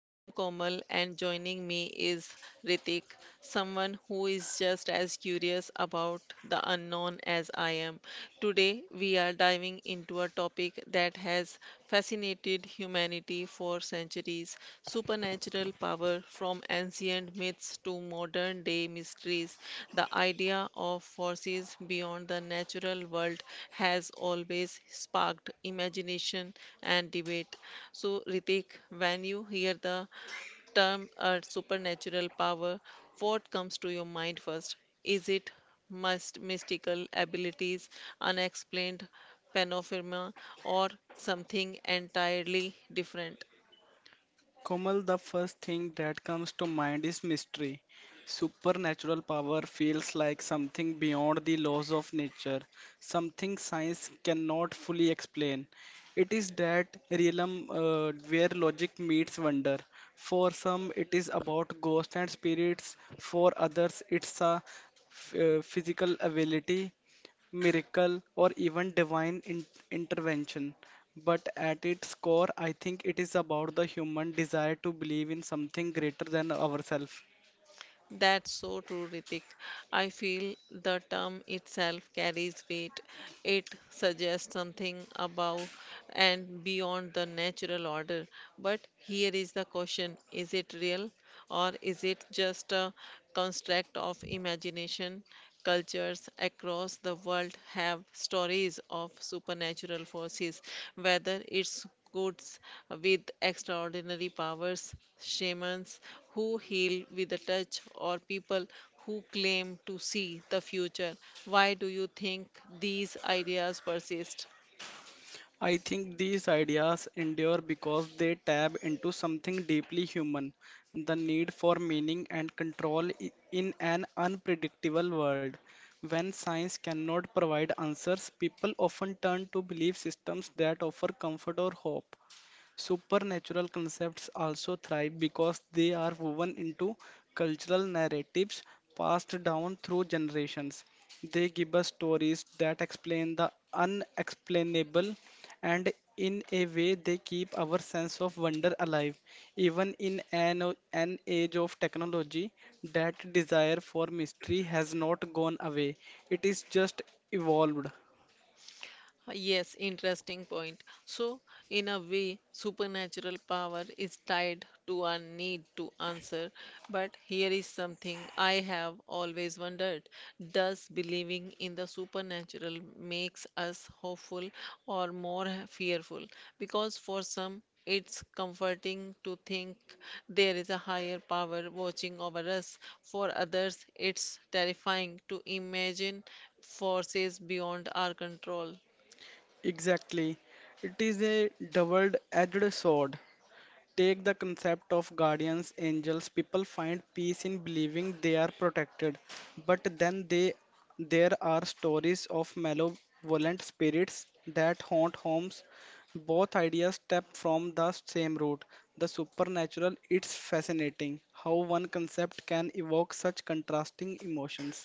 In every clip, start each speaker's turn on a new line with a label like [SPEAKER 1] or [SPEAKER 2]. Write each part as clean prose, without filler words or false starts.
[SPEAKER 1] I am Komal, and joining me is Ritik, someone who is just as curious about the unknown as I am. Today, we are diving into a topic that has fascinated humanity for centuries. Supernatural power, from ancient myths to modern day mysteries, the idea of forces beyond the natural world has always sparked imagination and debate. So, Ritik, when you hear the term a supernatural power, what comes to your mind first? Is it must mystical abilities, unexplained phenomena, or something entirely different?
[SPEAKER 2] Komal, the first thing that comes to mind is mystery. Supernatural power feels like something beyond the laws of nature, something science cannot fully explain. It is that realm where logic meets wonder. For some, it is about ghosts and spirits, for others, it's a physical ability, miracle, or even divine intervention. But at its core, I think it is about the human desire to believe in something greater than ourselves.
[SPEAKER 1] That's so true, Ritik. I feel the term itself carries weight. It suggests something above and beyond the natural order. But here is the question, is it real or is it just a construct of imagination? Cultures across the world have stories of supernatural forces, whether it's goats with extraordinary powers, shamans who heal with a touch, or people who claim to see the future. Why do you think these ideas persist?
[SPEAKER 2] I think these ideas endure because they tap into something deeply human, the need for meaning and control in an unpredictable world. When science cannot provide answers, people often turn to belief systems that offer comfort or hope. Supernatural concepts also thrive because they are woven into cultural narratives passed down through generations. They give us stories that explain the unexplainable, and in a way they keep our sense of wonder alive. Even in an age of technology, that desire for mystery has not gone away, it is just evolved.
[SPEAKER 1] Yes, interesting point. So, in a way, supernatural power is tied to our need to answer. But here is something I have always wondered. Does believing in the supernatural makes us hopeful or more fearful? Because for some, it's comforting to think there is a higher power watching over us. For others, it's terrifying to imagine forces beyond our control.
[SPEAKER 2] Exactly, it is a double edged sword. Take the concept of guardians angels, people find peace in believing they are protected, but then they there are stories of malevolent spirits that haunt homes. Both ideas step from the same root, the supernatural. It's fascinating how one concept can evoke such contrasting emotions.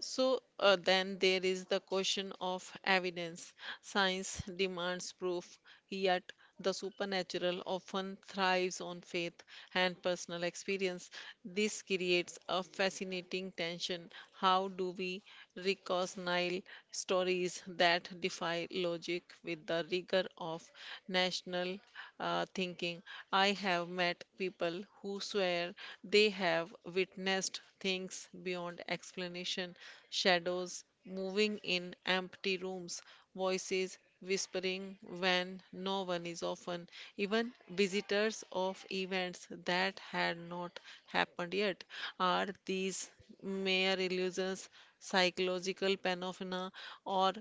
[SPEAKER 1] So then there is the question of evidence. Science demands proof, yet the supernatural often thrives on faith and personal experience. This creates a fascinating tension. How do we reconcile stories that defy logic with the rigor of national thinking. I have met people who swear they have witnessed things beyond explanation, shadows moving in empty rooms, voices whispering when no one is often, even visitors of events that had not happened yet. Are these mere illusions, psychological phenomena, or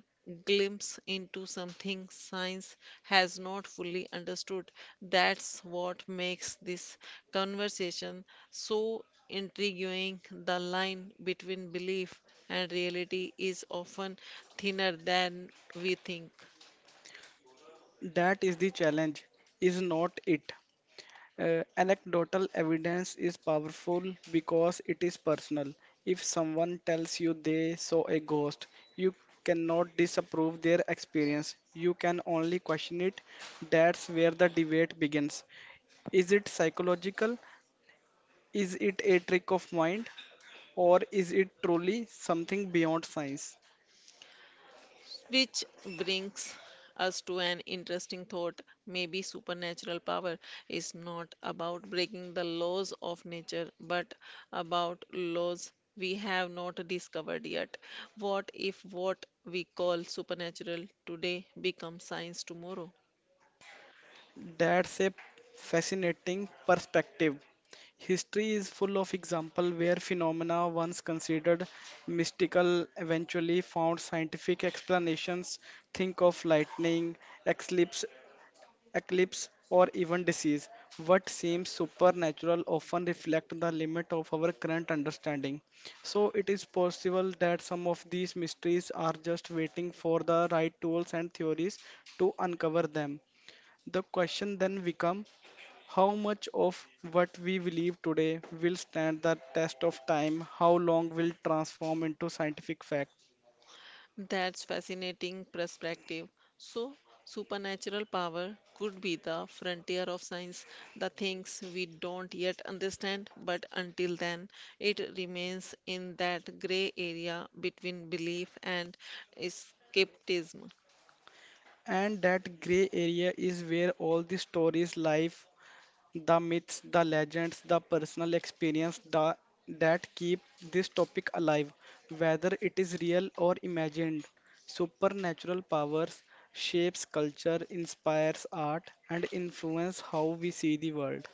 [SPEAKER 1] glimpse into something science has not fully understood? That's what makes this conversation so intriguing. The line between belief and reality is often thinner than we think.
[SPEAKER 2] That is the challenge, is not it? Anecdotal evidence is powerful because it is personal. If someone tells you they saw a ghost, you cannot disapprove their experience. You can only question it. That's where the debate begins. Is it psychological? Is it a trick of mind? Or is it truly something beyond science?
[SPEAKER 1] Which brings us to an interesting thought. Maybe supernatural power is not about breaking the laws of nature, but about laws we have not discovered yet. What if what we call supernatural today becomes science tomorrow?
[SPEAKER 2] That's a fascinating perspective. History is full of examples where phenomena once considered mystical eventually found scientific explanations. Think of lightning, eclipse, eclipse, or even disease. What seems supernatural often reflect the limit of our current understanding. So it is possible that some of these mysteries are just waiting for the right tools and theories to uncover them. The question then becomes, how much of what we believe today will stand the test of time, how long will transform into scientific fact.
[SPEAKER 1] That's fascinating perspective. So, supernatural power could be the frontier of science, the things we don't yet understand, but until then, it remains in that gray area between belief and skepticism.
[SPEAKER 2] And that gray area is where all the stories live, the myths, the legends, the personal experience that keep this topic alive, whether it is real or imagined. Supernatural powers shapes culture, inspires art, and influence how we see the world.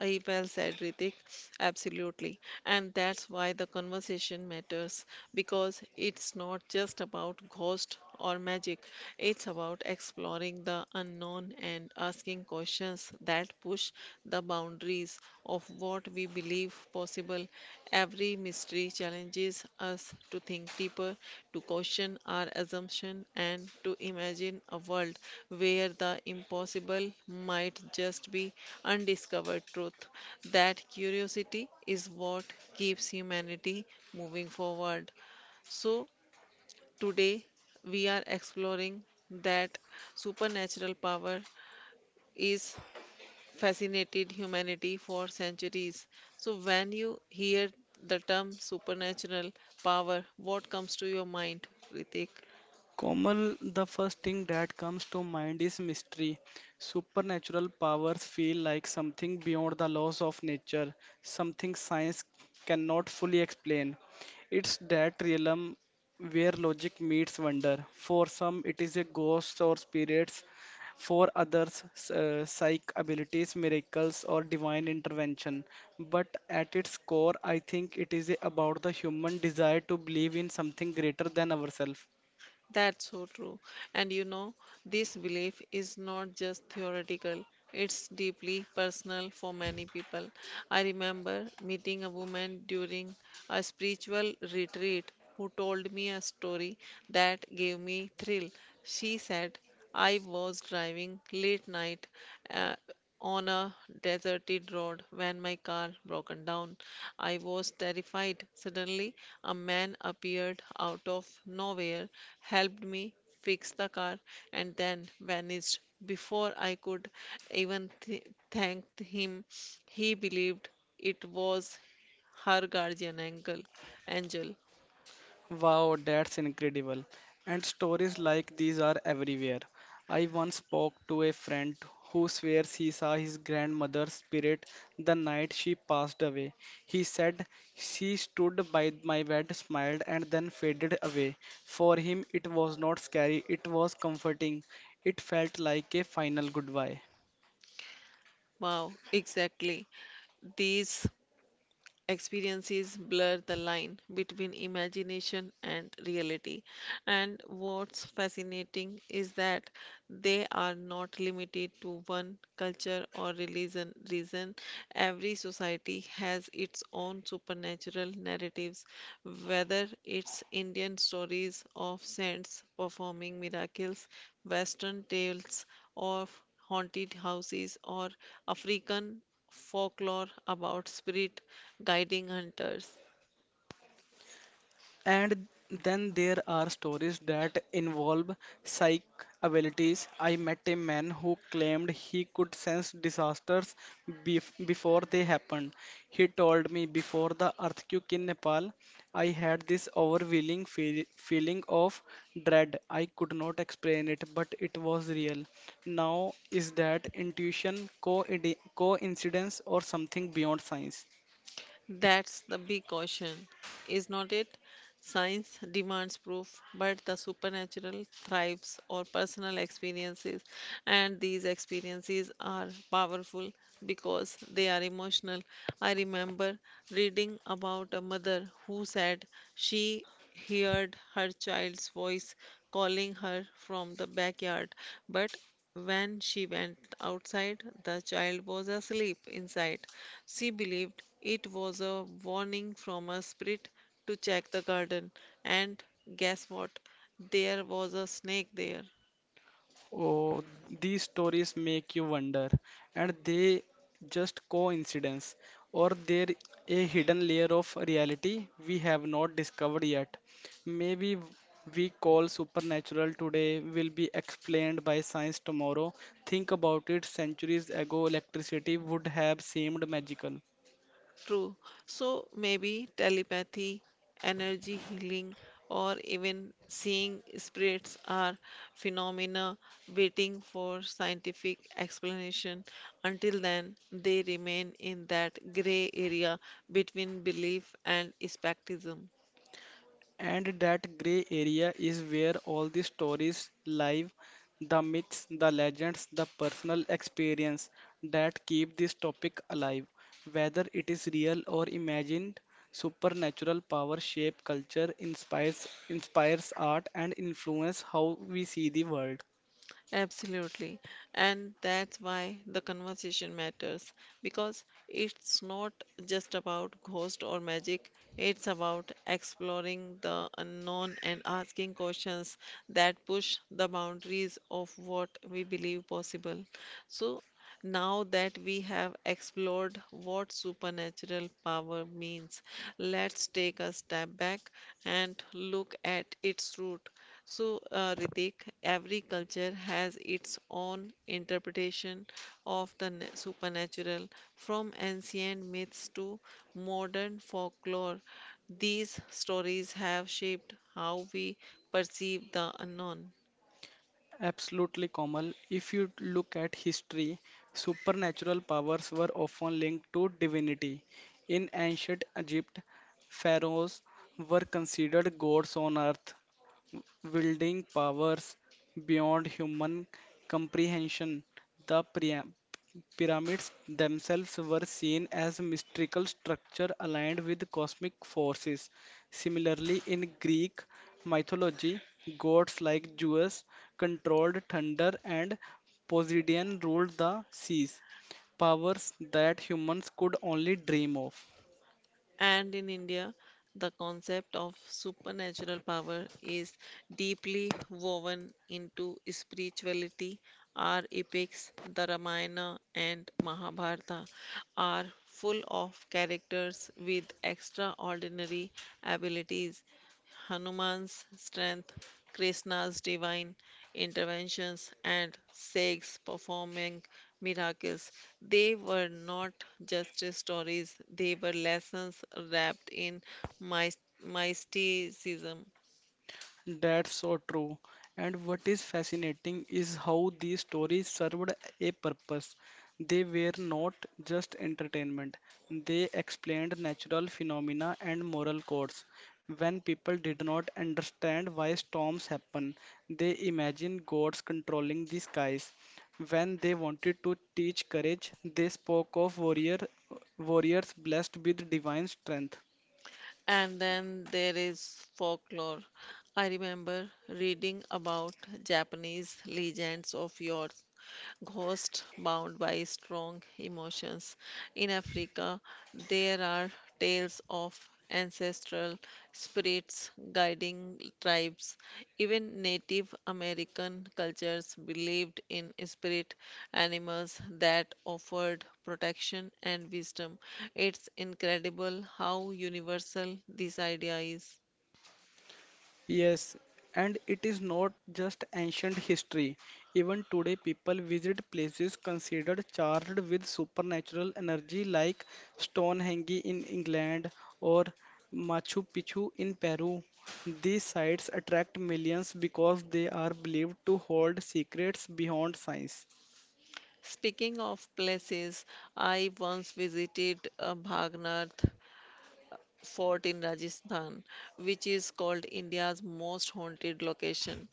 [SPEAKER 1] I well said, Ritik. Absolutely. And that's why the conversation matters because it's not just about ghost or magic. It's about exploring the unknown and asking questions that push the boundaries of what we believe possible. Every mystery challenges us to think deeper, to question our assumption, and to imagine a world where the impossible might just be undiscovered truth. That curiosity is what keeps humanity moving forward. So, today we are exploring that supernatural power is fascinated humanity for centuries. So, when you hear the term supernatural power, what comes to your mind, Ritik?
[SPEAKER 2] Komal, the first thing that comes to mind is mystery. Supernatural powers feel like something beyond the laws of nature, something science cannot fully explain. It's that realm where logic meets wonder. For some, it is a ghost or spirits. For others, psychic abilities, miracles, or divine intervention. But at its core, I think it is about the human desire to believe in something greater than ourselves.
[SPEAKER 1] That's so true. And you know, this belief is not just theoretical, it's deeply personal for many people. I remember meeting a woman during a spiritual retreat who told me a story that gave me thrill. She said, I was driving late night uh, on a deserted road when my car broken down. I was terrified. Suddenly, a man appeared out of nowhere, helped me fix the car, and then vanished. Before I could even thank him, he believed it was her guardian angel. Angel.
[SPEAKER 2] Wow, that's incredible. And stories like these are everywhere. I once spoke to a friend who swears he saw his grandmother's spirit the night she passed away. He said she stood by my bed, smiled, and then faded away. For him, it was not scary, it was comforting. It felt like a final goodbye.
[SPEAKER 1] Wow, exactly. These experiences blur the line between imagination and reality. And what's fascinating is that they are not limited to one culture or religion. Reason every society has its own supernatural narratives, whether it's Indian stories of saints performing miracles, Western tales of haunted houses, or African folklore about spirit guiding hunters.
[SPEAKER 2] And then there are stories that involve psychic abilities. I met a man who claimed he could sense disasters before they happened. He told me before the earthquake in Nepal, I had this overwhelming feeling of dread. I could not explain it, but it was real. Now, is that intuition, coincidence, or something beyond science?
[SPEAKER 1] That's the big caution, is not it? Science demands proof, but the supernatural thrives on personal experiences, and these experiences are powerful because they are emotional. I remember reading about a mother who said she heard her child's voice calling her from the backyard, but when she went outside, the child was asleep inside. She believed it was a warning from a spirit to check the garden. And guess what? There was a snake there.
[SPEAKER 2] Oh, these stories make you wonder, and they just coincidence, or there a hidden layer of reality we have not discovered yet. Maybe we call supernatural today will be explained by science tomorrow. Think about it, centuries ago electricity would have seemed magical.
[SPEAKER 1] True. So maybe telepathy, energy healing, or even seeing spirits are phenomena waiting for scientific explanation. Until then, they remain in that gray area between belief and skepticism.
[SPEAKER 2] And that grey area is where all the stories live, the myths, the legends, the personal experience that keep this topic alive. Whether it is real or imagined, supernatural power shape culture, inspires art and influence how we see the world.
[SPEAKER 1] Absolutely. And that's why the conversation matters because it's not just about ghost or magic, it's about exploring the unknown and asking questions that push the boundaries of what we believe possible. So now that we have explored what supernatural power means, let's take a step back and look at its root. So, Ritik, every culture has its own interpretation of the supernatural, from ancient myths to modern folklore. These stories have shaped how we perceive the unknown.
[SPEAKER 2] Absolutely, Komal. If you look at history, supernatural powers were often linked to divinity. In ancient Egypt, pharaohs were considered gods on earth wielding powers beyond human comprehension. The pyramids themselves were seen as mystical structure aligned with cosmic forces. Similarly, in Greek mythology, gods like Zeus controlled thunder and Poseidon ruled the seas, powers that humans could only dream of.
[SPEAKER 1] And in India, the concept of supernatural power is deeply woven into spirituality. Our epics, the Ramayana and Mahabharata, are full of characters with extraordinary abilities, Hanuman's strength, Krishna's divine interventions, and Sikhs performing miracles. They were not just stories, they were lessons wrapped in mysticism.
[SPEAKER 2] That's so true. And what is fascinating is how these stories served a purpose. They were not just entertainment, they explained natural phenomena and moral codes. When people did not understand why storms happen, they imagined gods controlling the skies. When they wanted to teach courage, they spoke of warriors blessed with divine strength.
[SPEAKER 1] And then there is folklore. I remember reading about Japanese legends of yore ghosts bound by strong emotions. In Africa, there are tales of ancestral spirits guiding tribes. Even Native American cultures believed in spirit animals that offered protection and wisdom. It's incredible how universal this idea is.
[SPEAKER 2] Yes, and it is not just ancient history. Even today, people visit places considered charged with supernatural energy, like Stonehenge in England or Machu Picchu in Peru. These sites attract millions because they are believed to hold secrets beyond science.
[SPEAKER 1] Speaking of places, I once visited Bhagnath, fort in Rajasthan, which is called India's most haunted location.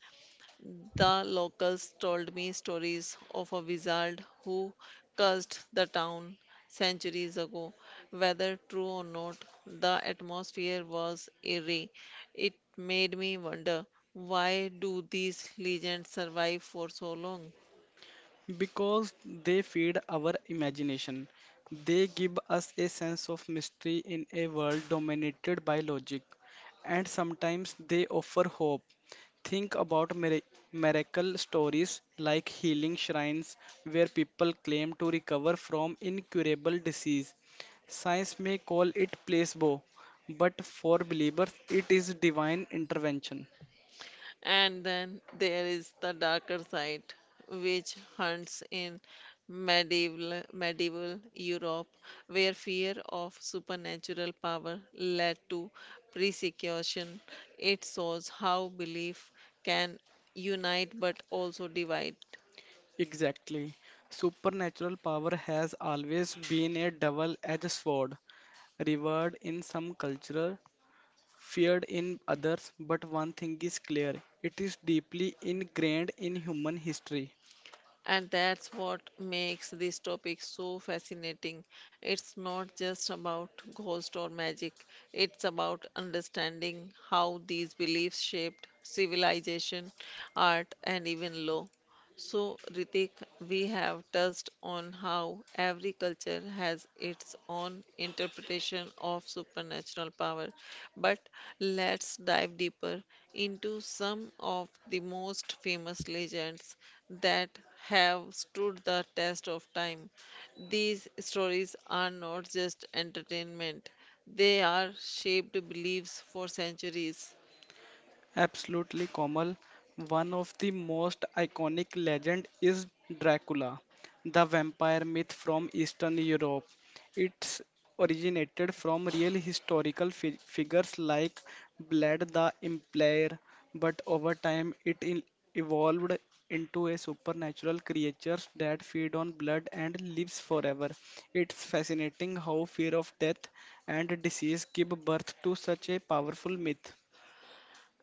[SPEAKER 1] The locals told me stories of a wizard who cursed the town centuries ago. Whether true or not, the atmosphere was eerie. It made me wonder, why do these legends survive for so long?
[SPEAKER 2] Because they feed our imagination. They give us a sense of mystery in a world dominated by logic. And sometimes they offer hope. Think about miracle stories like healing shrines where people claim to recover from incurable disease. Science may call it placebo, but for believers, it is divine intervention.
[SPEAKER 1] And then there is the darker side, which hunts in medieval Europe, where fear of supernatural power led to persecution. It shows how belief can unite but also divide.
[SPEAKER 2] Exactly. Supernatural power has always been a double-edged sword, revered in some cultures, feared in others, but one thing is clear, it is deeply ingrained in human history.
[SPEAKER 1] And that's what makes this topic so fascinating. It's not just about ghost or magic, it's about understanding how these beliefs shaped civilization, art, and even law. So, Ritik, we have touched on how every culture has its own interpretation of supernatural power, but let's dive deeper into some of the most famous legends that have stood the test of time. These stories are not just entertainment, they are shaped beliefs for centuries.
[SPEAKER 2] Absolutely, Komal. One of the most iconic legend is Dracula, the vampire myth from Eastern Europe. It's originated from real historical figures like Vlad the Impaler, but over time it evolved into a supernatural creature that feed on blood and lives forever. It's fascinating how fear of death and disease give birth to such a powerful myth.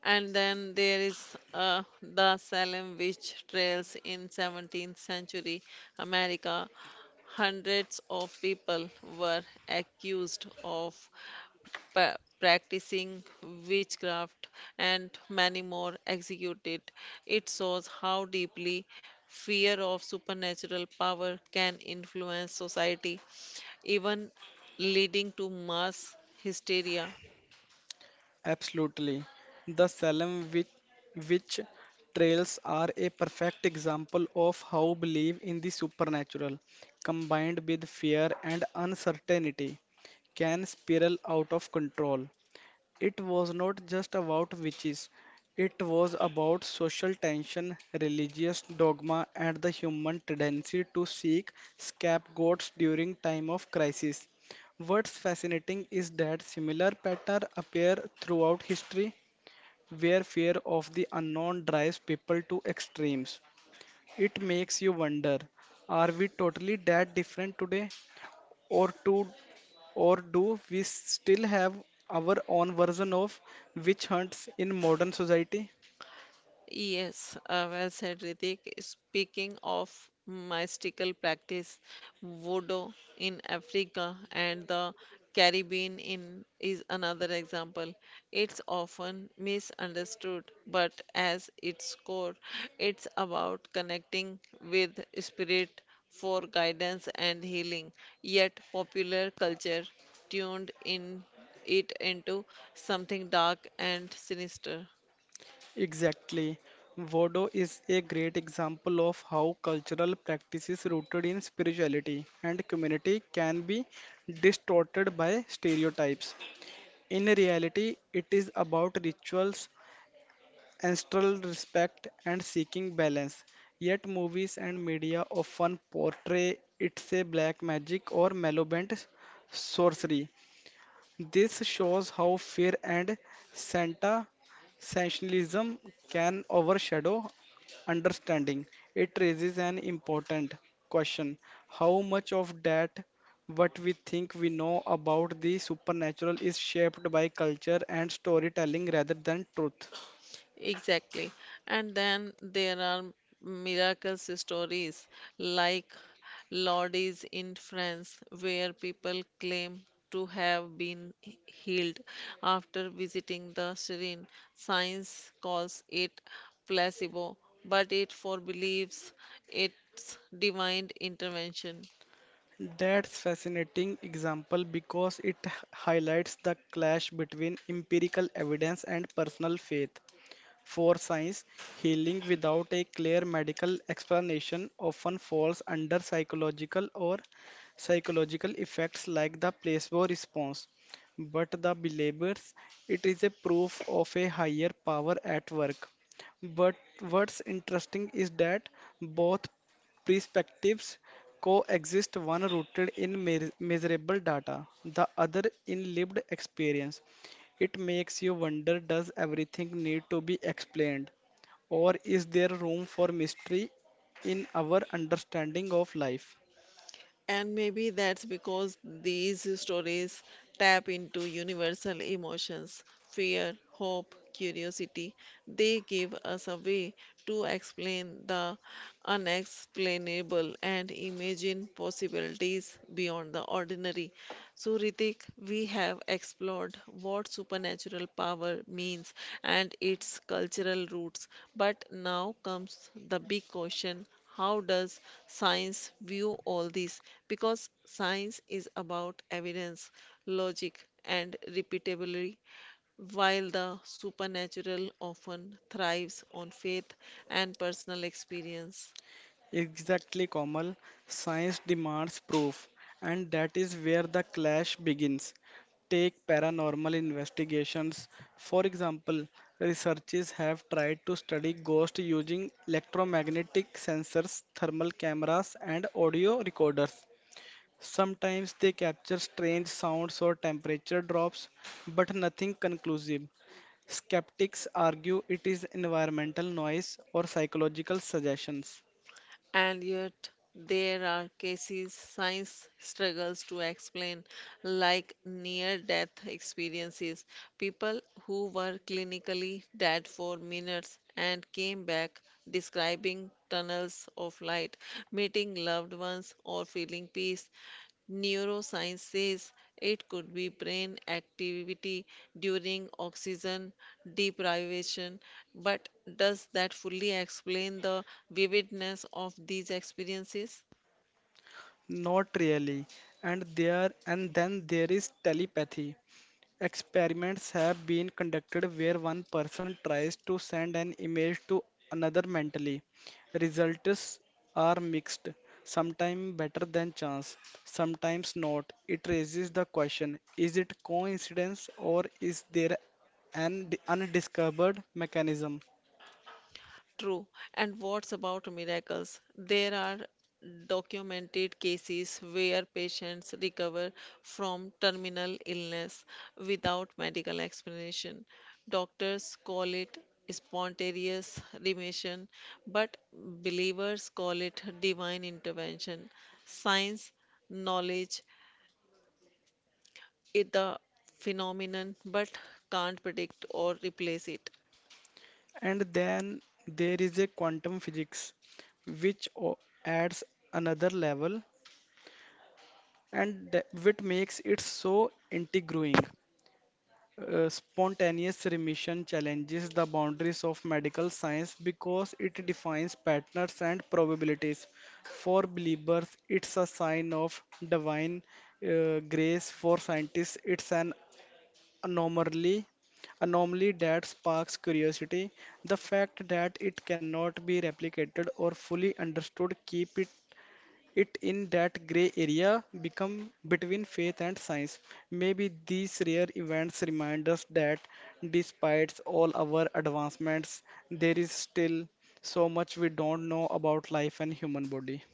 [SPEAKER 1] And then there is the Salem witch trials in 17th century America. Hundreds of people were accused of practicing witchcraft, and many more executed. It shows how deeply fear of supernatural power can influence society, even leading to mass hysteria.
[SPEAKER 2] Absolutely. The Salem witch trails are a perfect example of how belief in the supernatural, combined with fear and uncertainty, can spiral out of control. It was not just about witches, it was about social tension, religious dogma, and the human tendency to seek scapegoats during time of crisis. What's fascinating is that similar patterns appear throughout history, where fear of the unknown drives people to extremes. It makes you wonder, are we totally that different today? or to or do we still have our own version of witch hunts in modern society?
[SPEAKER 1] Yes, well said, Ritik. Speaking of mystical practice, voodoo in Africa and the Caribbean in is another example. It's often misunderstood, but as its core, it's about connecting with spirit for guidance and healing. Yet popular culture tuned in it into something dark and sinister.
[SPEAKER 2] Exactly. Voodoo is a great example of how cultural practices rooted in spirituality and community can be distorted by stereotypes. In reality, it is about rituals, ancestral respect, and seeking balance. Yet movies and media often portray it as black magic or malevolent sorcery. This shows how fear and Santa sensationalism can overshadow understanding. It raises an important question. How much of that what we think we know about the supernatural is shaped by culture and storytelling rather than truth?
[SPEAKER 1] Exactly. And then there are miracle stories like Lourdes in France, where people claim to have been healed after visiting the shrine. Science calls it placebo, but it for believes it's divine intervention.
[SPEAKER 2] That's fascinating example because it highlights the clash between empirical evidence and personal faith. For science, healing without a clear medical explanation often falls under psychological or psychological effects like the placebo response. But the believers, it is a proof of a higher power at work. But what's interesting is that both perspectives coexist, one rooted in measurable data, the other in lived experience. It makes you wonder, does everything need to be explained? Or is there room for mystery in our understanding of life?
[SPEAKER 1] And maybe that's because these stories tap into universal emotions, fear, hope, curiosity. They give us a way to explain the unexplainable and imagine possibilities beyond the ordinary. So, Ritik, we have explored what supernatural power means and its cultural roots, but now comes the big question, how does science view all this? Because science is about evidence, logic, and repeatability, while the supernatural often thrives on faith and personal experience.
[SPEAKER 2] Exactly, Komal. Science demands proof, and that is where the clash begins. Take paranormal investigations. For example, researchers have tried to study ghosts using electromagnetic sensors, thermal cameras, and audio recorders. Sometimes they capture strange sounds or temperature drops, but nothing conclusive. Skeptics argue it is environmental noise or psychological suggestions.
[SPEAKER 1] And yet, there are cases science struggles to explain, like near death experiences. People who were clinically dead for minutes and came back describing tunnels of light, meeting loved ones, or feeling peace. Neuroscience says it could be brain activity during oxygen deprivation, but does that fully explain the vividness of these experiences?
[SPEAKER 2] Not really. And then there is telepathy. Experiments have been conducted where one person tries to send an image to another mentally. Results are mixed, sometimes better than chance, sometimes not. It raises the question, is it coincidence or is there an undiscovered mechanism?
[SPEAKER 1] True. And what's about miracles? There are documented cases where patients recover from terminal illness without medical explanation. Doctors call it spontaneous remission, but believers call it divine intervention. Science, knowledge, is the phenomenon, but can't predict or replace it.
[SPEAKER 2] And then there is a quantum physics, which adds another level and that, which makes it so intriguing. Spontaneous remission challenges the boundaries of medical science because it defines patterns and probabilities. For believers, it's a sign of divine grace. For scientists, it's an anomaly anomaly that sparks curiosity. The fact that it cannot be replicated or fully understood keep it in that gray area become between faith and science. Maybe these rare events remind us that despite all our advancements there is still so much we don't know about life and human body.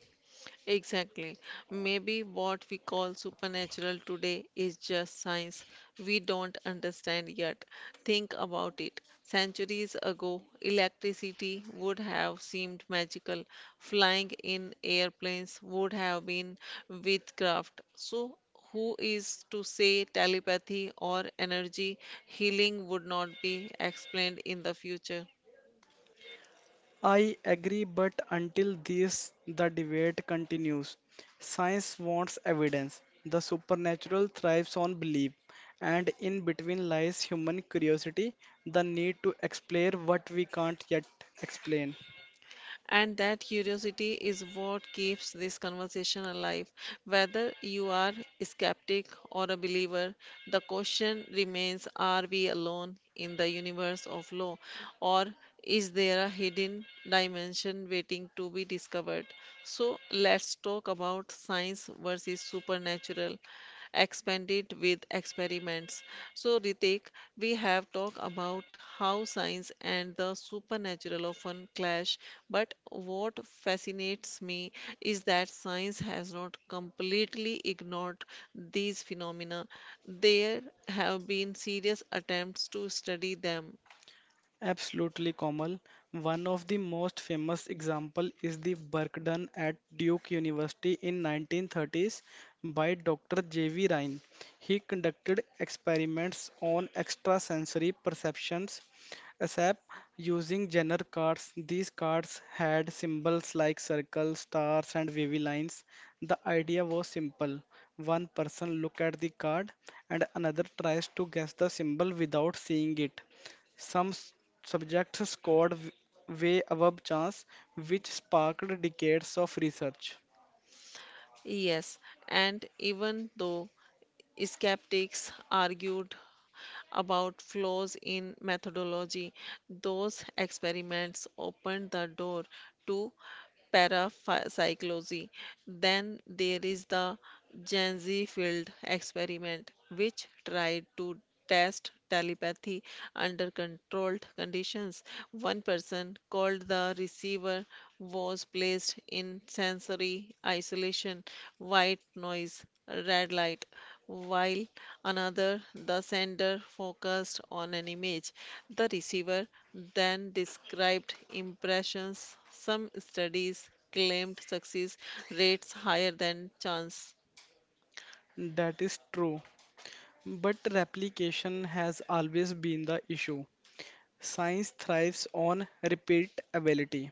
[SPEAKER 1] Exactly. Maybe what we call supernatural today is just science we don't understand yet. Think about it. Centuries ago, electricity would have seemed magical. Flying in airplanes would have been witchcraft. So, who is to say telepathy or energy healing would not be explained in the future?
[SPEAKER 2] I agree, but until this the debate continues. Science wants evidence, the supernatural thrives on belief, and in between lies human curiosity, the need to explain what we can't yet explain.
[SPEAKER 1] And that curiosity is what keeps this conversation alive. Whether you are a skeptic or a believer, the question remains, are we alone in the universe of law, or is there a hidden dimension waiting to be discovered? So, let's talk about science versus supernatural, expand it with experiments. So, Ritik, we have talked about how science and the supernatural often clash, but what fascinates me is that science has not completely ignored these phenomena. There have been serious attempts to study them.
[SPEAKER 2] Absolutely, Komal. One of the most famous example is the work done at Duke University in 1930s by Dr. J.V. Ryan. He conducted experiments on extrasensory perceptions, ASAP, using Jenner cards. These cards had symbols like circles, stars, and wavy lines. The idea was simple. One person look at the card and another tries to guess the symbol without seeing it. Some s- subjects scored way above chance, which sparked decades of research.
[SPEAKER 1] Yes, and even though skeptics argued about flaws in methodology, those experiments opened the door to parapsychology. Then there is the Gen field experiment, which tried to test telepathy under controlled conditions. One person, called the receiver, was placed in sensory isolation, white noise, red light, while another, the sender, focused on an image. The receiver then described impressions. Some studies claimed success rates higher than chance.
[SPEAKER 2] That is true, but replication has always been the issue. Science thrives on repeatability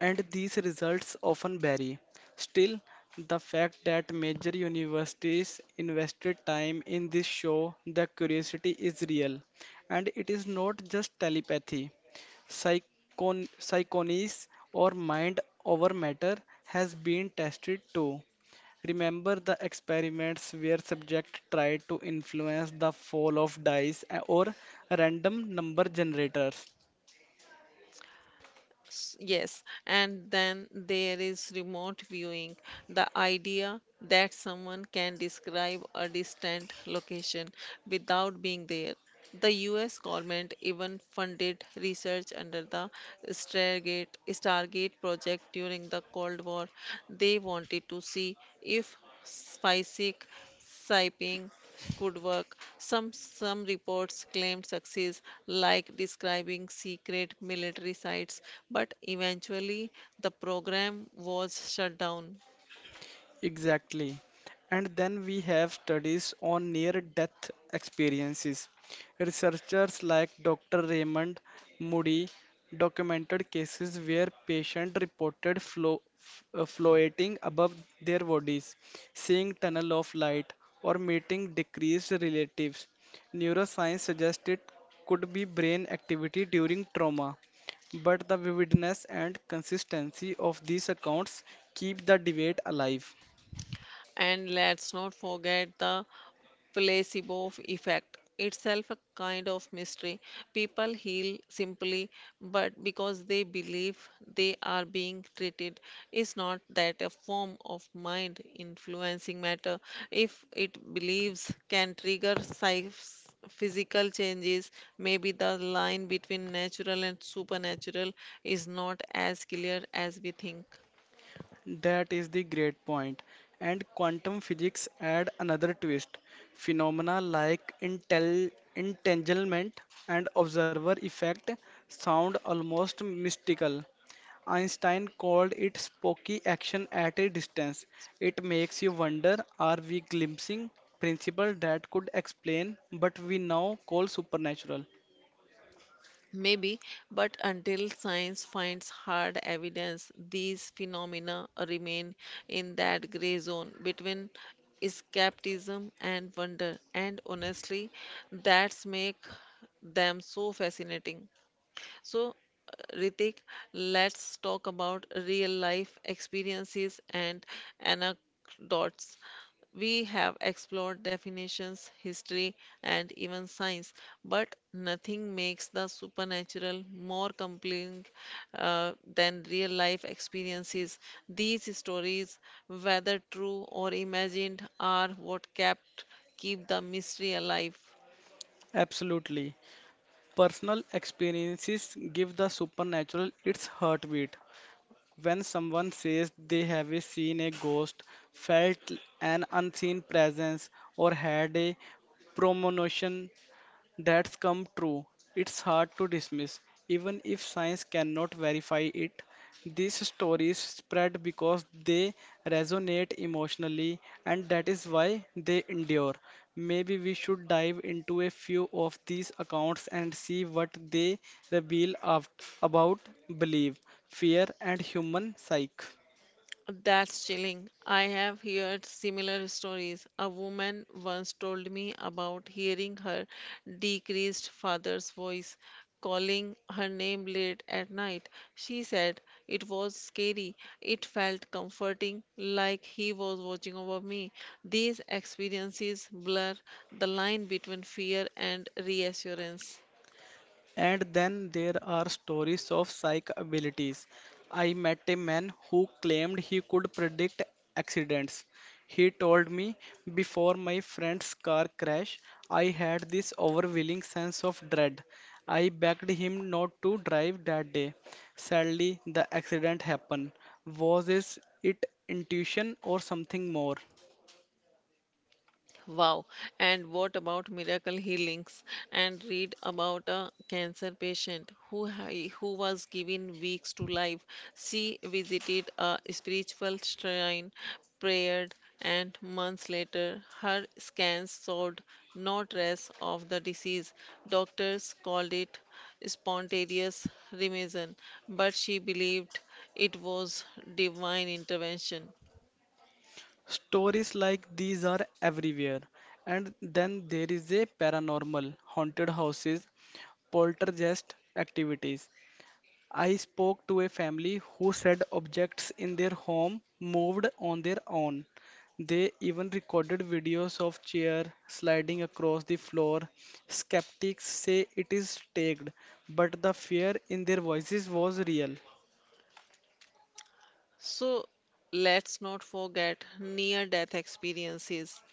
[SPEAKER 2] and these results often vary. Still, the fact that major universities invested time in this show the curiosity is real, and it is not just telepathy. Psychonies or mind over matter has been tested too. Remember the experiments where subjects tried to influence the fall of dice or random number generators?
[SPEAKER 1] Yes, and then there is remote viewing, the idea that someone can describe a distant location without being there. The US government even funded research under the Stargate project during the Cold War. They wanted to see if seismic siping could work. Some reports claimed success, like describing secret military sites, but eventually the program was shut down.
[SPEAKER 2] Exactly. And then we have studies on near-death experiences. Researchers like Dr. Raymond Moody documented cases where patients reported floating above their bodies, seeing tunnel of light, or meeting deceased relatives. Neuroscience suggests it could be brain activity during trauma. But the vividness and consistency of these accounts keep the debate alive.
[SPEAKER 1] And let's not forget the placebo effect, itself a kind of mystery. People heal simply but because they believe they are being treated. Is not that a form of mind influencing matter? If it believes can trigger physical changes, maybe the line between natural and supernatural is not as clear as we think.
[SPEAKER 2] That is the great point. And quantum physics add another twist. Phenomena like intel entanglement and observer effect sound almost mystical. Einstein called it spooky action at a distance. It makes you wonder, are we glimpsing principle that could explain but we now call supernatural?
[SPEAKER 1] Maybe, but until science finds hard evidence, these phenomena remain in that gray zone between skepticism and wonder. And honestly, that's make them so fascinating. So, Ritik, let's talk about real life experiences and anecdotes. We have explored definitions, history, and even science, but nothing makes the supernatural more compelling than real life experiences. These stories, whether true or imagined, are what kept keep the mystery alive.
[SPEAKER 2] Absolutely. Personal experiences give the supernatural its heartbeat. When someone says they have seen a ghost, felt an unseen presence, or had a premonition that's come true. It's hard to dismiss. Even if science cannot verify it, these stories spread because they resonate emotionally, and that is why they endure. Maybe we should dive into a few of these accounts and see what they reveal of, about belief, fear, and human psyche.
[SPEAKER 1] That's chilling. I have heard similar stories. A woman once told me about hearing her decreased father's voice calling her name late at night. She said it was scary. It felt comforting, like he was watching over me. These experiences blur the line between fear and reassurance.
[SPEAKER 2] And then there are stories of psychic abilities. I met a man who claimed he could predict accidents. He told me before my friend's car crash, I had this overwhelming sense of dread. I begged him not to drive that day. Sadly, the accident happened. Was this it intuition or something more?
[SPEAKER 1] Wow. And what about miracle healings? And read about a cancer patient who was given weeks to life. She visited a spiritual shrine, prayed, and months later her scans showed no trace of the disease. Doctors called it spontaneous remission, but she believed it was divine intervention.
[SPEAKER 2] Stories like these are everywhere. And then there is a paranormal, haunted houses, poltergeist activities. I spoke to a family who said objects in their home moved on their own. They even recorded videos of chair sliding across the floor. Skeptics say it is staged, but the fear in their voices was real.
[SPEAKER 1] So let's not forget near death experiences.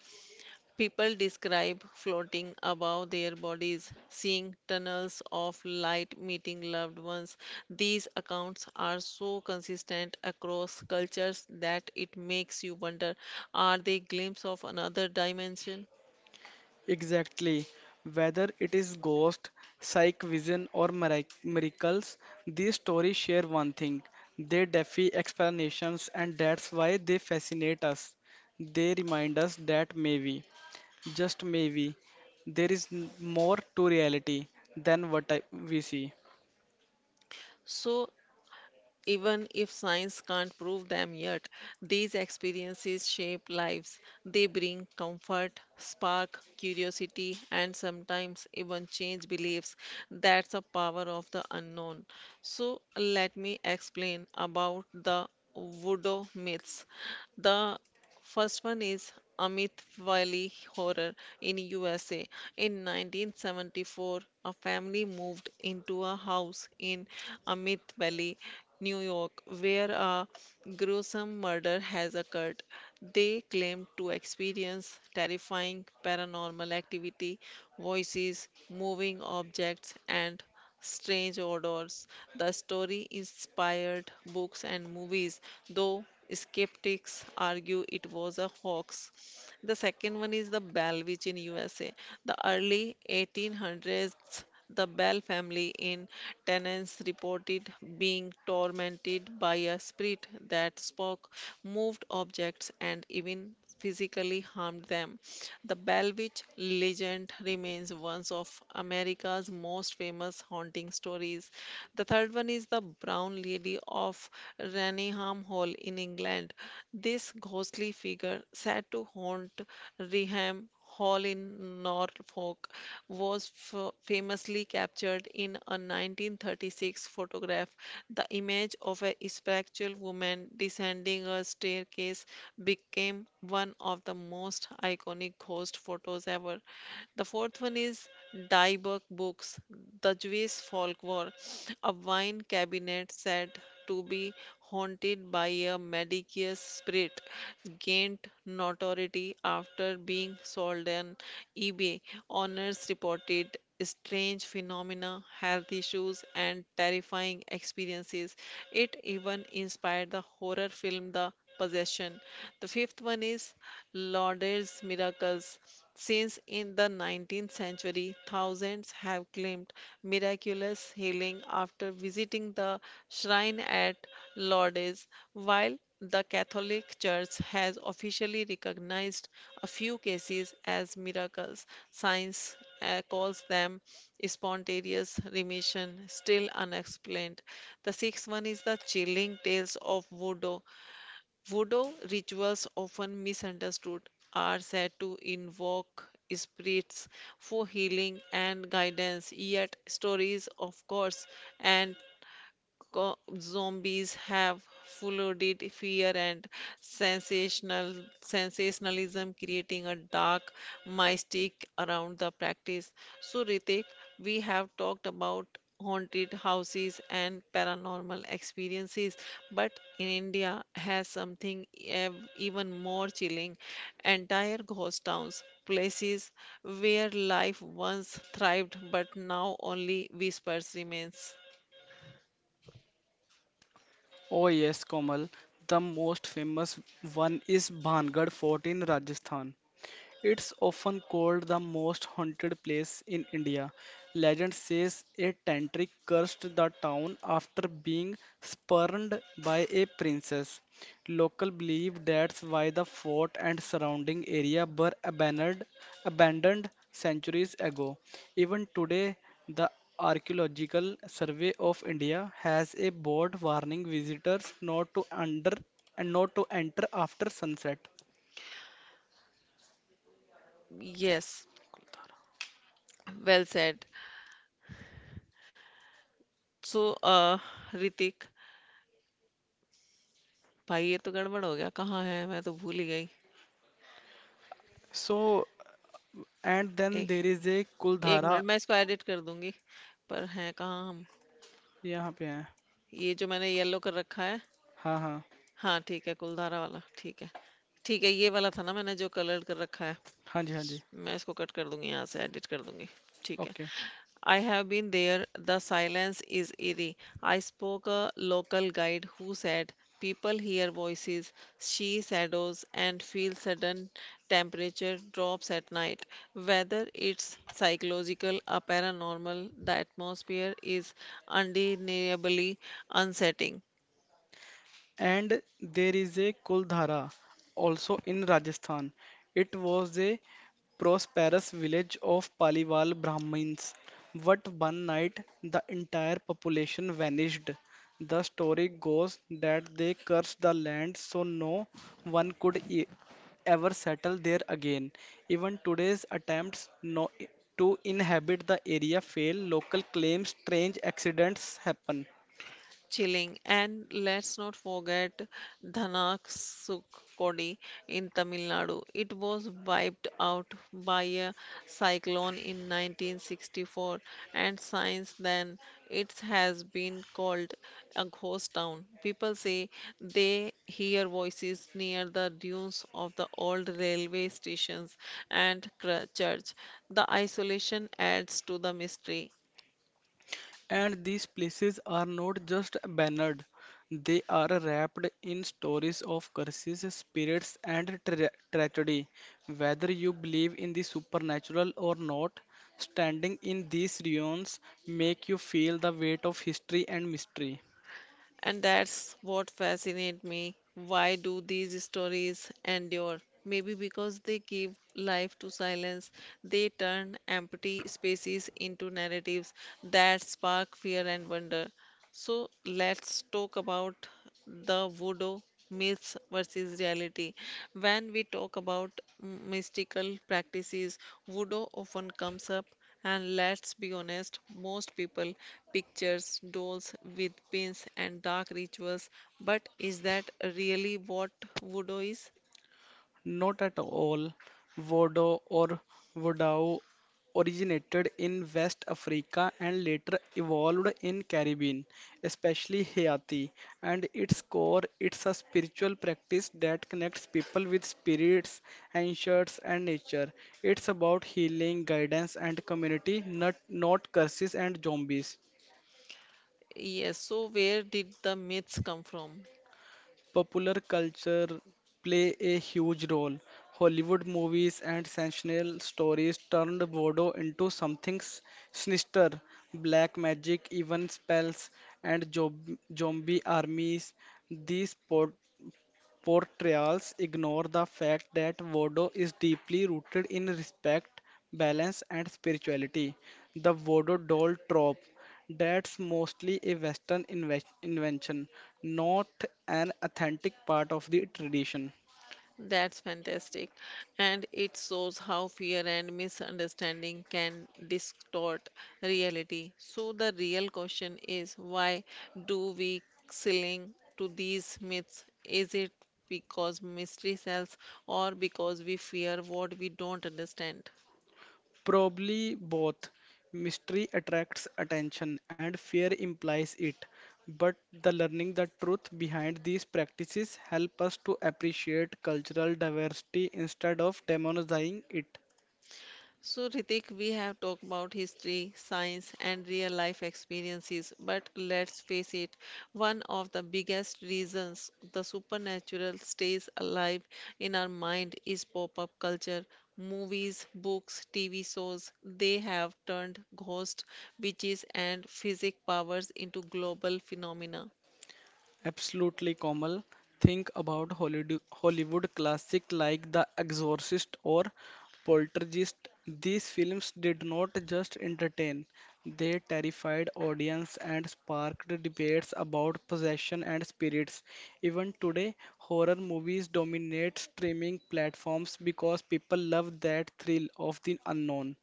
[SPEAKER 1] People describe floating above their bodies, seeing tunnels of light, meeting loved ones. These accounts are so consistent across cultures that it makes you wonder, are they glimpses of another dimension?
[SPEAKER 2] Exactly. Whether it is ghost, psych vision, or miracles, these stories share one thing. They defy explanations, and that's why they fascinate us. They remind us that maybe, just maybe, there is more to reality than we see.
[SPEAKER 1] So even if science can't prove them yet, these experiences shape lives. They bring comfort, spark curiosity, and sometimes even change beliefs. That's the power of the unknown. So, let me explain about the voodoo myths. The first one is Amit Wiley horror in USA. In 1974, a family moved into a house in Amit Valley, New York, where a gruesome murder has occurred. They claimed to experience terrifying paranormal activity, voices, moving objects, and strange odors. The story inspired books and movies, though skeptics argue it was a hoax. The second one is the Bell Witch in USA. The early 1800s, the Bell family in Tennessee reported being tormented by a spirit that spoke, moved objects, and even physically harmed them. The Bell Witch legend remains one of America's most famous haunting stories. The third one is the Brown Lady of Raynham Hall in England. This ghostly figure, said to haunt Raynham Hall in Norfolk, was famously captured in a 1936 photograph. The image of a spectral woman descending a staircase became one of the most iconic ghost photos ever. The fourth one is Dieback Books, the Jewish Folklore, a wine cabinet said to be haunted by a Medicius spirit, gained notoriety after being sold on eBay. Owners reported strange phenomena, health issues, and terrifying experiences. It even inspired the horror film The Possession. The fifth one is Lauder's miracles. Since in the 19th century, thousands have claimed miraculous healing after visiting the shrine at Lourdes, while the Catholic Church has officially recognized a few cases as miracles. Science, calls them spontaneous remission, still unexplained. The sixth one is the chilling tales of voodoo. Voodoo rituals, often misunderstood, are said to invoke spirits for healing and guidance, yet stories of ghosts and zombies have flooded fear and sensational sensationalism, creating a dark mystique around the practice. So, Ritik, we have talked about haunted houses and paranormal experiences, but in India has something even more chilling: entire ghost towns. Places where life once thrived but now only whispers remains.
[SPEAKER 2] Oh yes, Komal. The most famous one is Bhangarh Fort in Rajasthan. It's often called the most haunted place in India. Legend says a tantric cursed the town after being spurned by a princess. Local believe that's why the fort and surrounding area were abandoned centuries ago. Even today, the Archaeological Survey of India has a board warning visitors not to under and not to enter after sunset.
[SPEAKER 1] Yes. Well said so Hrithik भाई ये तो गड़बड़ हो गया कहाँ है मैं तो भूल ही गई
[SPEAKER 2] So, and then
[SPEAKER 1] एक
[SPEAKER 2] there is a
[SPEAKER 1] एक
[SPEAKER 2] Kuldhara
[SPEAKER 1] मिनट मैं इसको एडिट कर दूंगी पर हैं कहाँ हम
[SPEAKER 2] यहाँ पे है
[SPEAKER 1] ये जो मैंने येलो कर रखा है
[SPEAKER 2] हाँ हाँ
[SPEAKER 1] हाँ ठीक है कुलधारा वाला ठीक है ये वाला था ना मैंने जो कलर्ड कर रखा है
[SPEAKER 2] हाँ जी
[SPEAKER 1] मैं इसको कट कर दूंगी यहाँ से एडिट कर दूंगी ठीक है.
[SPEAKER 2] Okay
[SPEAKER 1] I have been there. The silence is eerie. I spoke a local guide who said people hear voices, see shadows, and feel sudden temperature drops at night. Whether it's psychological or paranormal, the atmosphere is undeniably unsettling.
[SPEAKER 2] and there is a Kuldhara also in Rajasthan. It was a prosperous village of Paliwal Brahmins, but one night the entire population vanished. The story goes that they cursed the land so no one could e- ever settle there again. Even today's attempts to inhabit the area fail, local claims strange accidents happen.
[SPEAKER 1] Chilling. And let's not forget Dhanaksukodi in Tamil Nadu. It was wiped out by a cyclone in 1964, and since then it has been called a ghost town. People say they hear voices near the dunes of the old railway stations and church. The isolation adds to the mystery.
[SPEAKER 2] And these places are not just bannered, they are wrapped in stories of curses, spirits, and tragedy. Whether you believe in the supernatural or not, standing in these ruins make you feel the weight of history and mystery.
[SPEAKER 1] And that's what fascinates me. Why do these stories endure? Maybe because they give life to silence. They turn empty spaces into narratives that spark fear and wonder. So let's talk about the voodoo myths versus reality. When we talk about mystical practices, voodoo often comes up, and let's be honest, most people pictures dolls with pins and dark rituals. But is that really what voodoo is?
[SPEAKER 2] Not at all. Vodo or Vodou originated in West Africa and later evolved in Caribbean, especially Haiti. And its core, it's a spiritual practice that connects people with spirits, ancients, and nature. It's about healing, guidance, and community, not curses and zombies.
[SPEAKER 1] Yes, so where did the myths come from?
[SPEAKER 2] Popular culture play a huge role. Hollywood movies and sensational stories turned voodoo into something sinister. Black magic, even spells, and zombie armies. These portrayals ignore the fact that Voodoo is deeply rooted in respect, balance, and spirituality. The Voodoo doll trope that's mostly a Western invention, not an authentic part of the tradition.
[SPEAKER 1] That's fantastic. And it shows how fear and misunderstanding can distort reality. So, the real question is, why do we cling to these myths? Is it because mystery sells or because we fear what we don't understand?
[SPEAKER 2] Probably both. Mystery attracts attention and fear implies it. But the learning the truth behind these practices help us to appreciate cultural diversity instead of demonizing it.
[SPEAKER 1] So, Ritik, we have talked about history, science, and real life experiences, but let's face it, one of the biggest reasons the supernatural stays alive in our mind is pop up culture. Movies, books, TV shows, they have turned ghosts, witches, and physic powers into global phenomena.
[SPEAKER 2] Absolutely, Komal. Think about Hollywood classic like The Exorcist or Poltergeist. These films did not just entertain, they terrified audience and sparked debates about possession and spirits. Even today, horror movies dominate streaming platforms because people love that thrill of the unknown.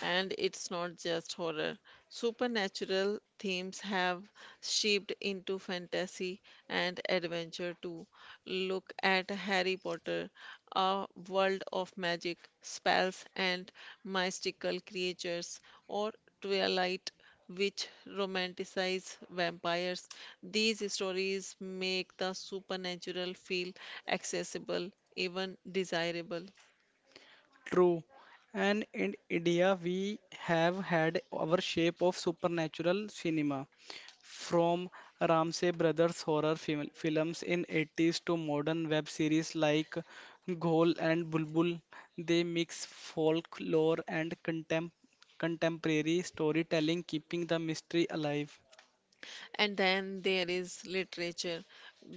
[SPEAKER 1] And it's not just horror. Supernatural themes have shaped into fantasy and adventure too. Look at Harry Potter, a world of magic, spells, and mystical creatures, or Twilight, which romanticize vampires. These stories make the supernatural feel accessible, even desirable.
[SPEAKER 2] True. And in India, we have had our shape of supernatural cinema. From Ramsey Brothers horror films in 80s to modern web series like Ghol and Bulbul, they mix folklore and contemporary storytelling, keeping the mystery alive.
[SPEAKER 1] And then there is literature.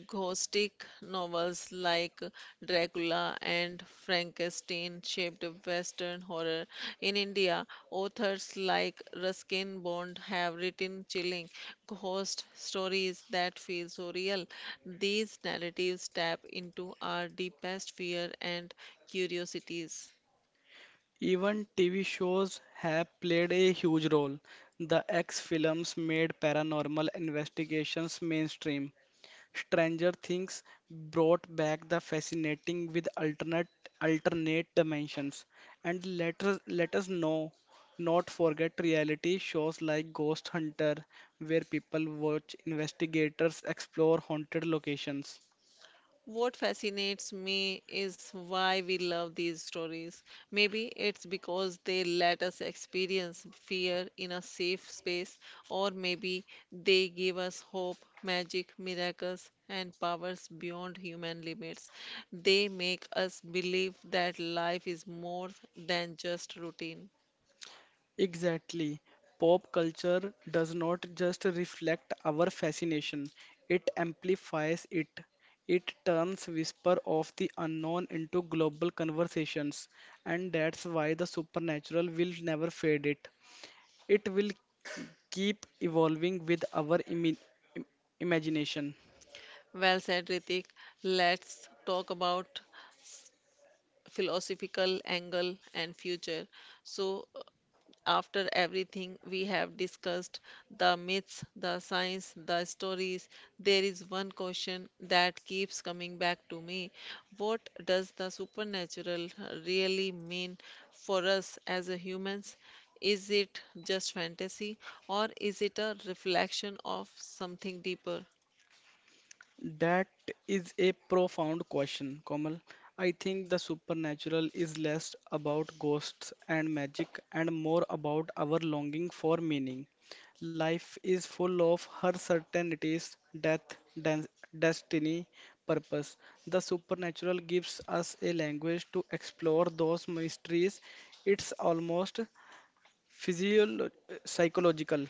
[SPEAKER 1] Gothic novels like Dracula and Frankenstein shaped Western horror. In India, authors like Ruskin Bond have written chilling ghost stories that feel so real. These narratives tap into our deepest fear and curiosities.
[SPEAKER 2] Even TV shows have played a huge role. The X films made paranormal investigations mainstream, Stranger Things brought back the fascinating with alternate dimensions. And let us know not forget reality shows like Ghost Hunter, where people watch investigators explore haunted locations.
[SPEAKER 1] What fascinates me is why we love these stories. Maybe it's because they let us experience fear in a safe space, or maybe they give us hope, magic, miracles, and powers beyond human limits. They make us believe that life is more than just routine.
[SPEAKER 2] Exactly. Pop culture does not just reflect our fascination, it amplifies it. It turns whisper of the unknown into global conversations, and that's why the supernatural will never fade it. It will keep evolving with our im- imagination.
[SPEAKER 1] Well said, Ritik. Let's talk about s- philosophical angle and future. So, after everything we have discussed, the myths, the science, the stories, there is one question that keeps coming back to me. What does the supernatural really mean for us as a humans? Is it just fantasy or is it a reflection of something deeper?
[SPEAKER 2] That is a profound question, Komal. I think the supernatural is less about ghosts and magic and more about our longing for meaning. Life is full of uncertainties, death, dan- destiny, purpose. The supernatural gives us a language to explore those mysteries. It's almost physiolo- psychological.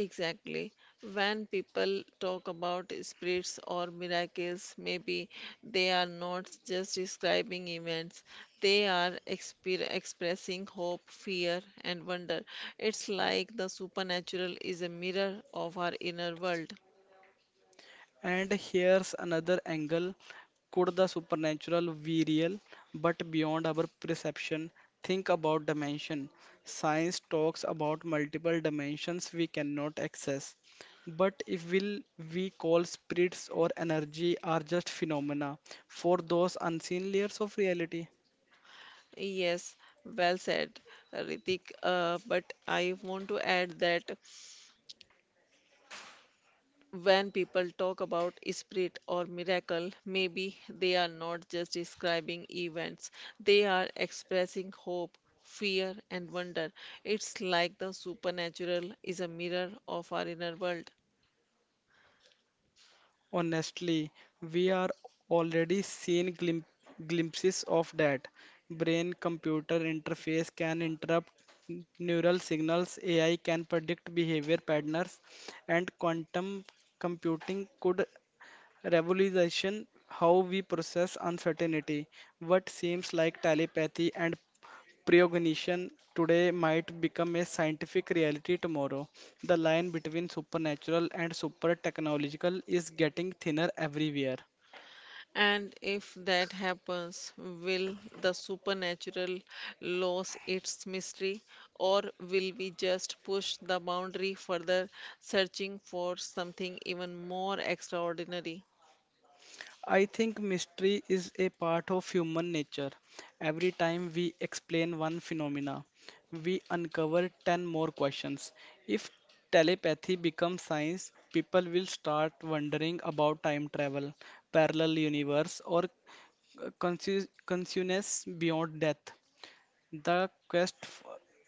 [SPEAKER 1] Exactly. When people talk about spirits or miracles, maybe they are not just describing events, they are exper expressing hope, fear, and wonder. It's like the supernatural is a mirror of our inner world.
[SPEAKER 2] And here's another angle. Could the supernatural be real but beyond our perception? Think about dimension. Science talks about multiple dimensions we cannot access. But if will we call spirits or energy are just phenomena for those unseen layers of reality?
[SPEAKER 1] Yes, well said, Ritik. But I want to add that when people talk about spirit or miracle, maybe they are not just describing events, they are expressing hope, fear, and wonder. It's like the supernatural is a mirror of our inner world.
[SPEAKER 2] Honestly, we are already seeing glimpses of that. Brain computer interface can interrupt neural signals, AI can predict behavior patterns, and quantum computing could revolution how we process uncertainty. What seems like telepathy and precognition today might become a scientific reality tomorrow. The line between supernatural and super technological is getting thinner everywhere.
[SPEAKER 1] And if that happens, will the supernatural lose its mystery, or will we just push the boundary further, searching for something even more extraordinary?
[SPEAKER 2] I think mystery is a part of human nature. Every time we explain one phenomena, we uncover 10 more questions. If telepathy becomes science, people will start wondering about time travel, parallel universe, or consciousness beyond death. The quest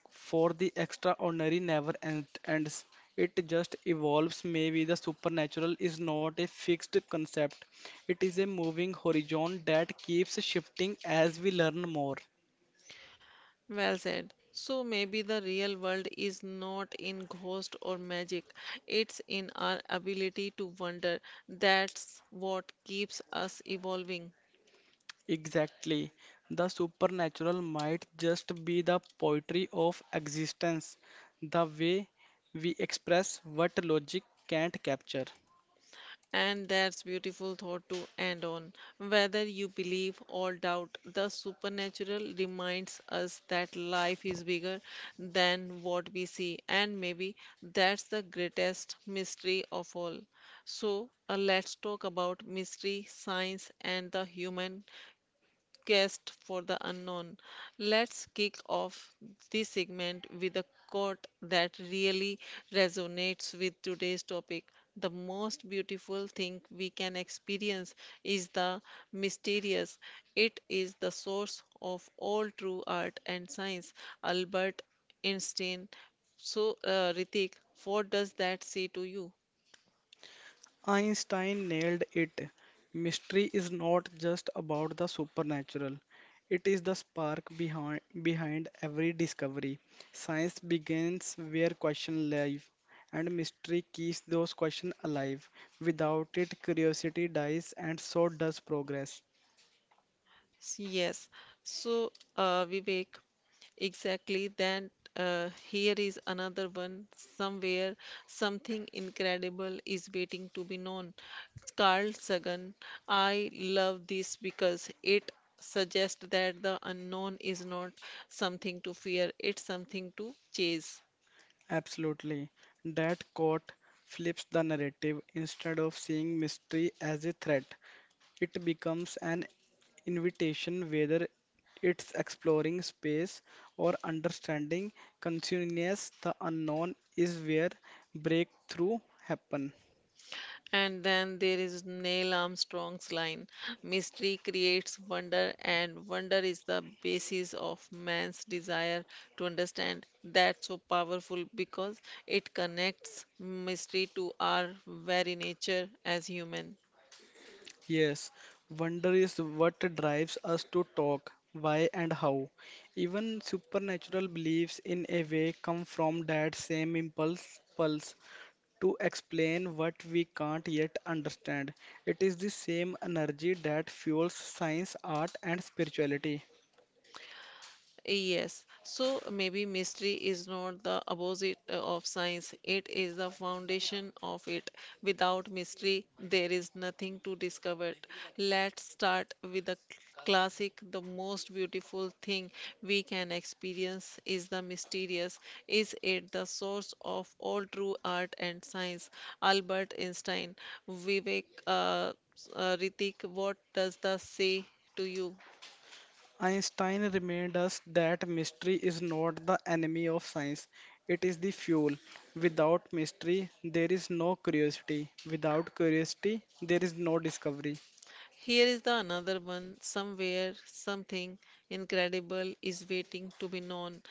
[SPEAKER 2] for the extraordinary never ends. It just evolves. Maybe the supernatural is not a fixed concept, it is a moving horizon that keeps shifting as we learn more.
[SPEAKER 1] Well said. So maybe the real world is not in ghost or magic. It's in our ability to wonder. That's what keeps us evolving.
[SPEAKER 2] Exactly. The supernatural might just be the poetry of existence, the way we express what logic can't capture.
[SPEAKER 1] And that's beautiful thought to end on. Whether you believe or doubt, the supernatural reminds us that life is bigger than what we see. And maybe that's the greatest mystery of all. So, let's talk about mystery, science, and the human guest for the unknown. Let's kick off this segment with a quote that really resonates with today's topic. The most beautiful thing we can experience is the mysterious. It is the source of all true art and science. Albert Einstein. So, Ritik, what does that say to you?
[SPEAKER 2] Einstein nailed it. Mystery is not just about the supernatural. It is the spark behind every discovery. Science begins where questions live, and mystery keeps those questions alive. Without it, curiosity dies, and so does progress.
[SPEAKER 1] Yes. So, Vivek, exactly, then here is another one. Somewhere something incredible is waiting to be known. Carl Sagan. I love this because it suggests that the unknown is not something to fear, it's something to chase.
[SPEAKER 2] Absolutely. That quote flips the narrative. Instead of seeing mystery as a threat, it becomes an invitation, whether it's exploring space or understanding consciousness, the unknown is where breakthrough happen.
[SPEAKER 1] And then there is Neil Armstrong's line: mystery creates wonder, and wonder is the basis of man's desire to understand. That's so powerful because it connects mystery to our very nature as human.
[SPEAKER 2] Yes, wonder is what drives us to talk, why and how. Even supernatural beliefs in a way come from that same impulse pulse to explain what we can't yet understand. It is the same energy that fuels science, art, and spirituality.
[SPEAKER 1] Yes, so maybe mystery is not the opposite of science, it is the foundation of it. Without mystery, there is nothing to discover. Let's start with a classic. The most beautiful thing we can experience is the mysterious. Is it the source of all true art and science? Albert Einstein, Vivek, Ritik, what does the say to you?
[SPEAKER 2] Einstein reminded us that mystery is not the enemy of science, it is the fuel. Without mystery, there is no curiosity. Without curiosity, there is no discovery.
[SPEAKER 1] Here is the another one, somewhere something incredible is waiting to be known.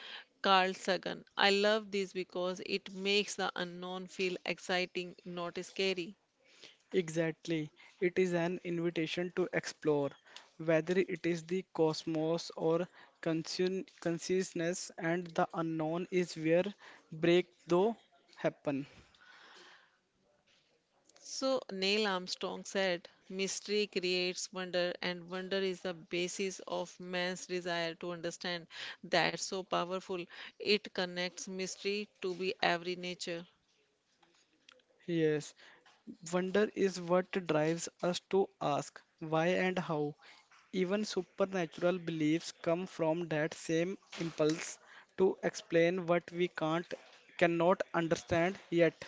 [SPEAKER 1] Carl Sagan. I love this because it makes the unknown feel exciting, not scary.
[SPEAKER 2] Exactly. It is an invitation to explore, whether it is the cosmos or consciousness, and the unknown is where breakthrough happen.
[SPEAKER 1] So Neil Armstrong said, Mystery creates wonder, and wonder is the basis of man's desire to understand. That's so powerful. It connects mystery to be every nature.
[SPEAKER 2] Yes, wonder is what drives us to ask why and how. Even supernatural beliefs come from that same impulse to explain what we can't cannot understand yet.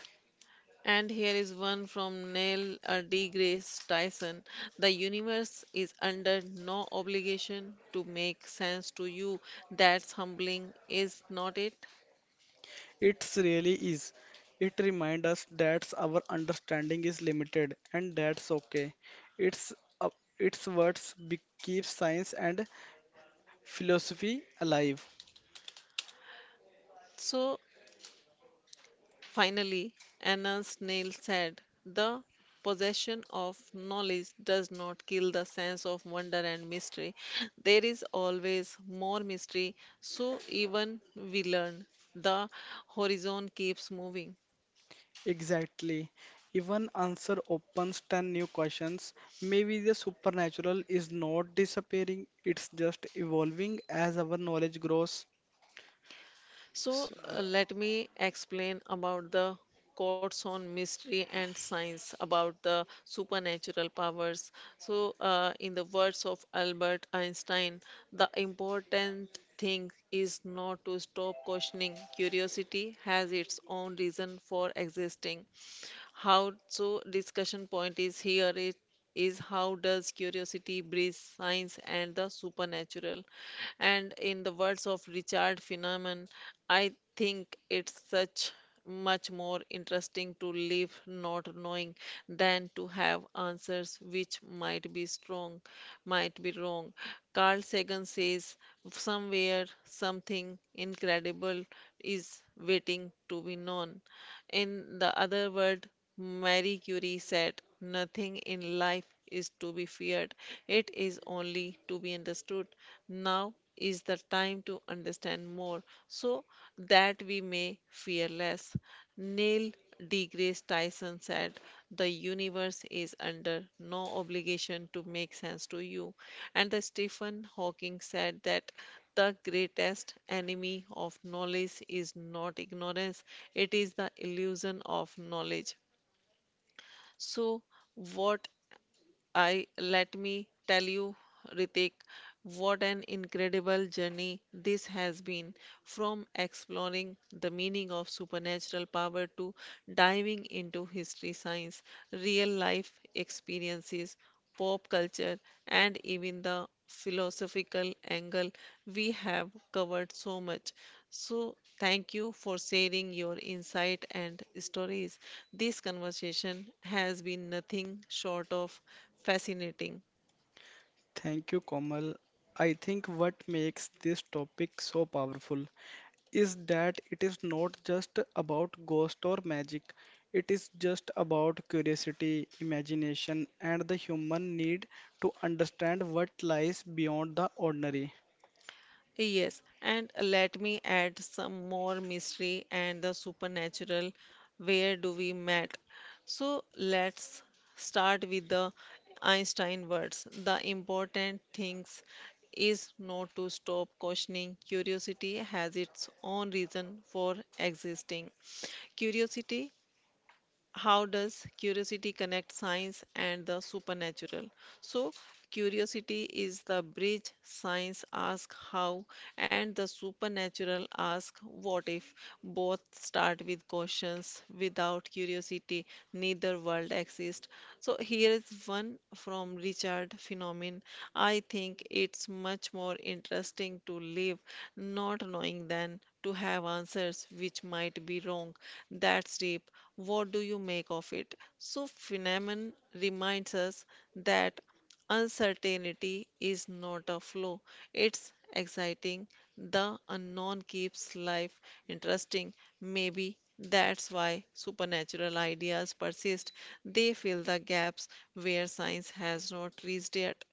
[SPEAKER 1] And here is one from Neil deGrasse Tyson. The universe is under no obligation to make sense to you. That's humbling, is not it?
[SPEAKER 2] It really is. It reminds us that our understanding is limited and that's okay. It's uh, its words keep science and philosophy alive.
[SPEAKER 1] So, finally, Anan's Neil said, the possession of knowledge does not kill the sense of wonder and mystery. There is always more mystery, so even we learn. The horizon keeps moving.
[SPEAKER 2] Exactly. Even answer opens 10 new questions. Maybe the supernatural is not disappearing, it's just evolving as our knowledge grows.
[SPEAKER 1] So, let me explain about the codes on mystery and science about the supernatural powers. So, in the words of Albert Einstein, the important thing is not to stop questioning. Curiosity has its own reason for existing. How so discussion point is here is how does curiosity bridge science and the supernatural? And in the words of Richard Feynman, I think it's such much more interesting to live not knowing than to have answers which might be strong, might be wrong. Carl Sagan says somewhere something incredible is waiting to be known. In the other word, Marie Curie said, nothing in life is to be feared, it is only to be understood. Now is the time to understand more so that we may fear less. Neil deGrasse Tyson said, the universe is under no obligation to make sense to you. And the Stephen Hawking said that the greatest enemy of knowledge is not ignorance, it is the illusion of knowledge. So, what I let me tell you, Ritik, what an incredible journey this has been, from exploring the meaning of supernatural power to diving into history, science, real life experiences, pop culture, and even the philosophical angle. We have covered so much. So, thank you for sharing your insight and stories. This conversation has been nothing short of fascinating.
[SPEAKER 2] Thank you, Komal. I think what makes this topic so powerful is that it is not just about ghost or magic. It is just about curiosity, imagination, and the human need to understand what lies beyond the ordinary.
[SPEAKER 1] Yes, and let me add some more mystery and the supernatural. Where do we met? So let's start with the Einstein words. The important things is not to stop questioning. Curiosity has its own reason for existing. Curiosity, how does curiosity connect science and the supernatural? So curiosity is the bridge. Science asks how, and the supernatural asks what if. Both start with questions. Without curiosity, neither world exists. So here is one from Richard Phenomen. I think it's much more interesting to live not knowing than to have answers which might be wrong. That's deep. What do you make of it? So phenomenon reminds us that uncertainty is not a flaw, it's exciting. The unknown keeps life interesting. Maybe that's why supernatural ideas persist. They fill the gaps where science has not reached yet.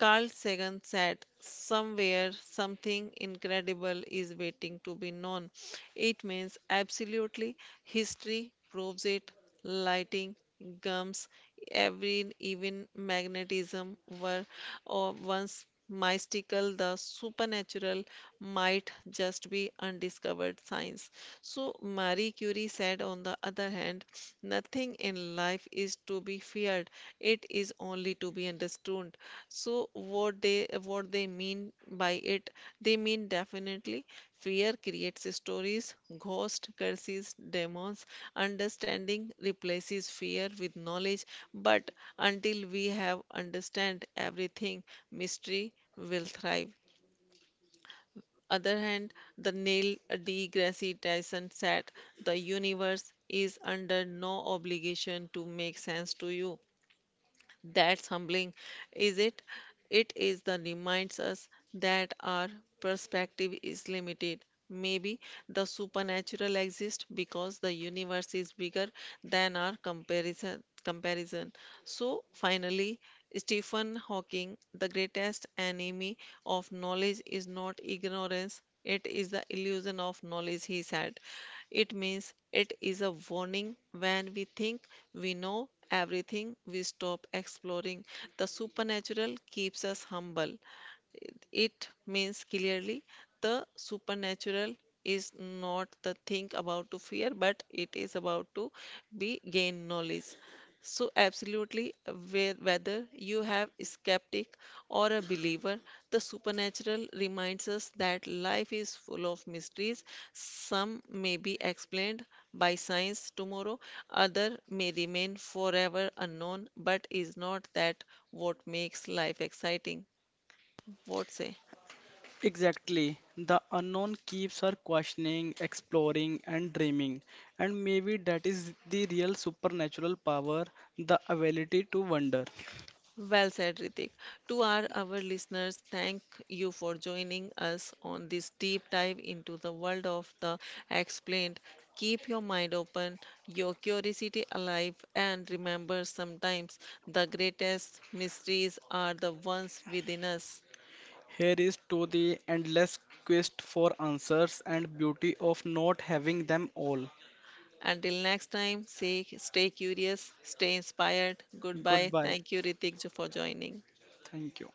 [SPEAKER 1] Carl Sagan said, somewhere something incredible is waiting to be known. It means absolutely history proves it, lighting, gums, every even magnetism were or once mystical, the supernatural might just be undiscovered science. So Marie Curie said, on the other hand, nothing in life is to be feared. It is only to be understood. So what they what they mean by it? They mean definitely fear creates stories, ghosts, curses, demons. Understanding replaces fear with knowledge, but until we have understand everything, mystery will thrive. Other hand, the Neil deGrasse Tyson said, the universe is under no obligation to make sense to you. That's humbling, is it? It is the reminds us that our perspective is limited. Maybe the supernatural exists because the universe is bigger than our comparison. So finally, Stephen Hawking, the greatest enemy of knowledge is not ignorance, it is the illusion of knowledge, he said. It means it is a warning. When we think we know everything, we stop exploring. The supernatural keeps us humble. It means clearly the supernatural is not the thing about to fear, but it is about to be gain knowledge. So absolutely, where, whether you have a skeptic or a believer, the supernatural reminds us that life is full of mysteries. Some may be explained by science tomorrow, other may remain forever unknown, but is not that what makes life exciting? What say?
[SPEAKER 2] Exactly. The unknown keeps her questioning, exploring, and dreaming. And maybe that is the real supernatural power the ability to wonder.
[SPEAKER 1] Well said, Ritik. To our listeners, thank you for joining us on this deep dive into the world of the explained. Keep your mind open, your curiosity alive, and remember sometimes the greatest mysteries are the ones within us.
[SPEAKER 2] Here is to the endless quest for answers and beauty of not having them all.
[SPEAKER 1] Until next time, say, stay curious, stay inspired. Goodbye.
[SPEAKER 2] Goodbye.
[SPEAKER 1] Thank you, Ritik, for joining.
[SPEAKER 2] Thank you.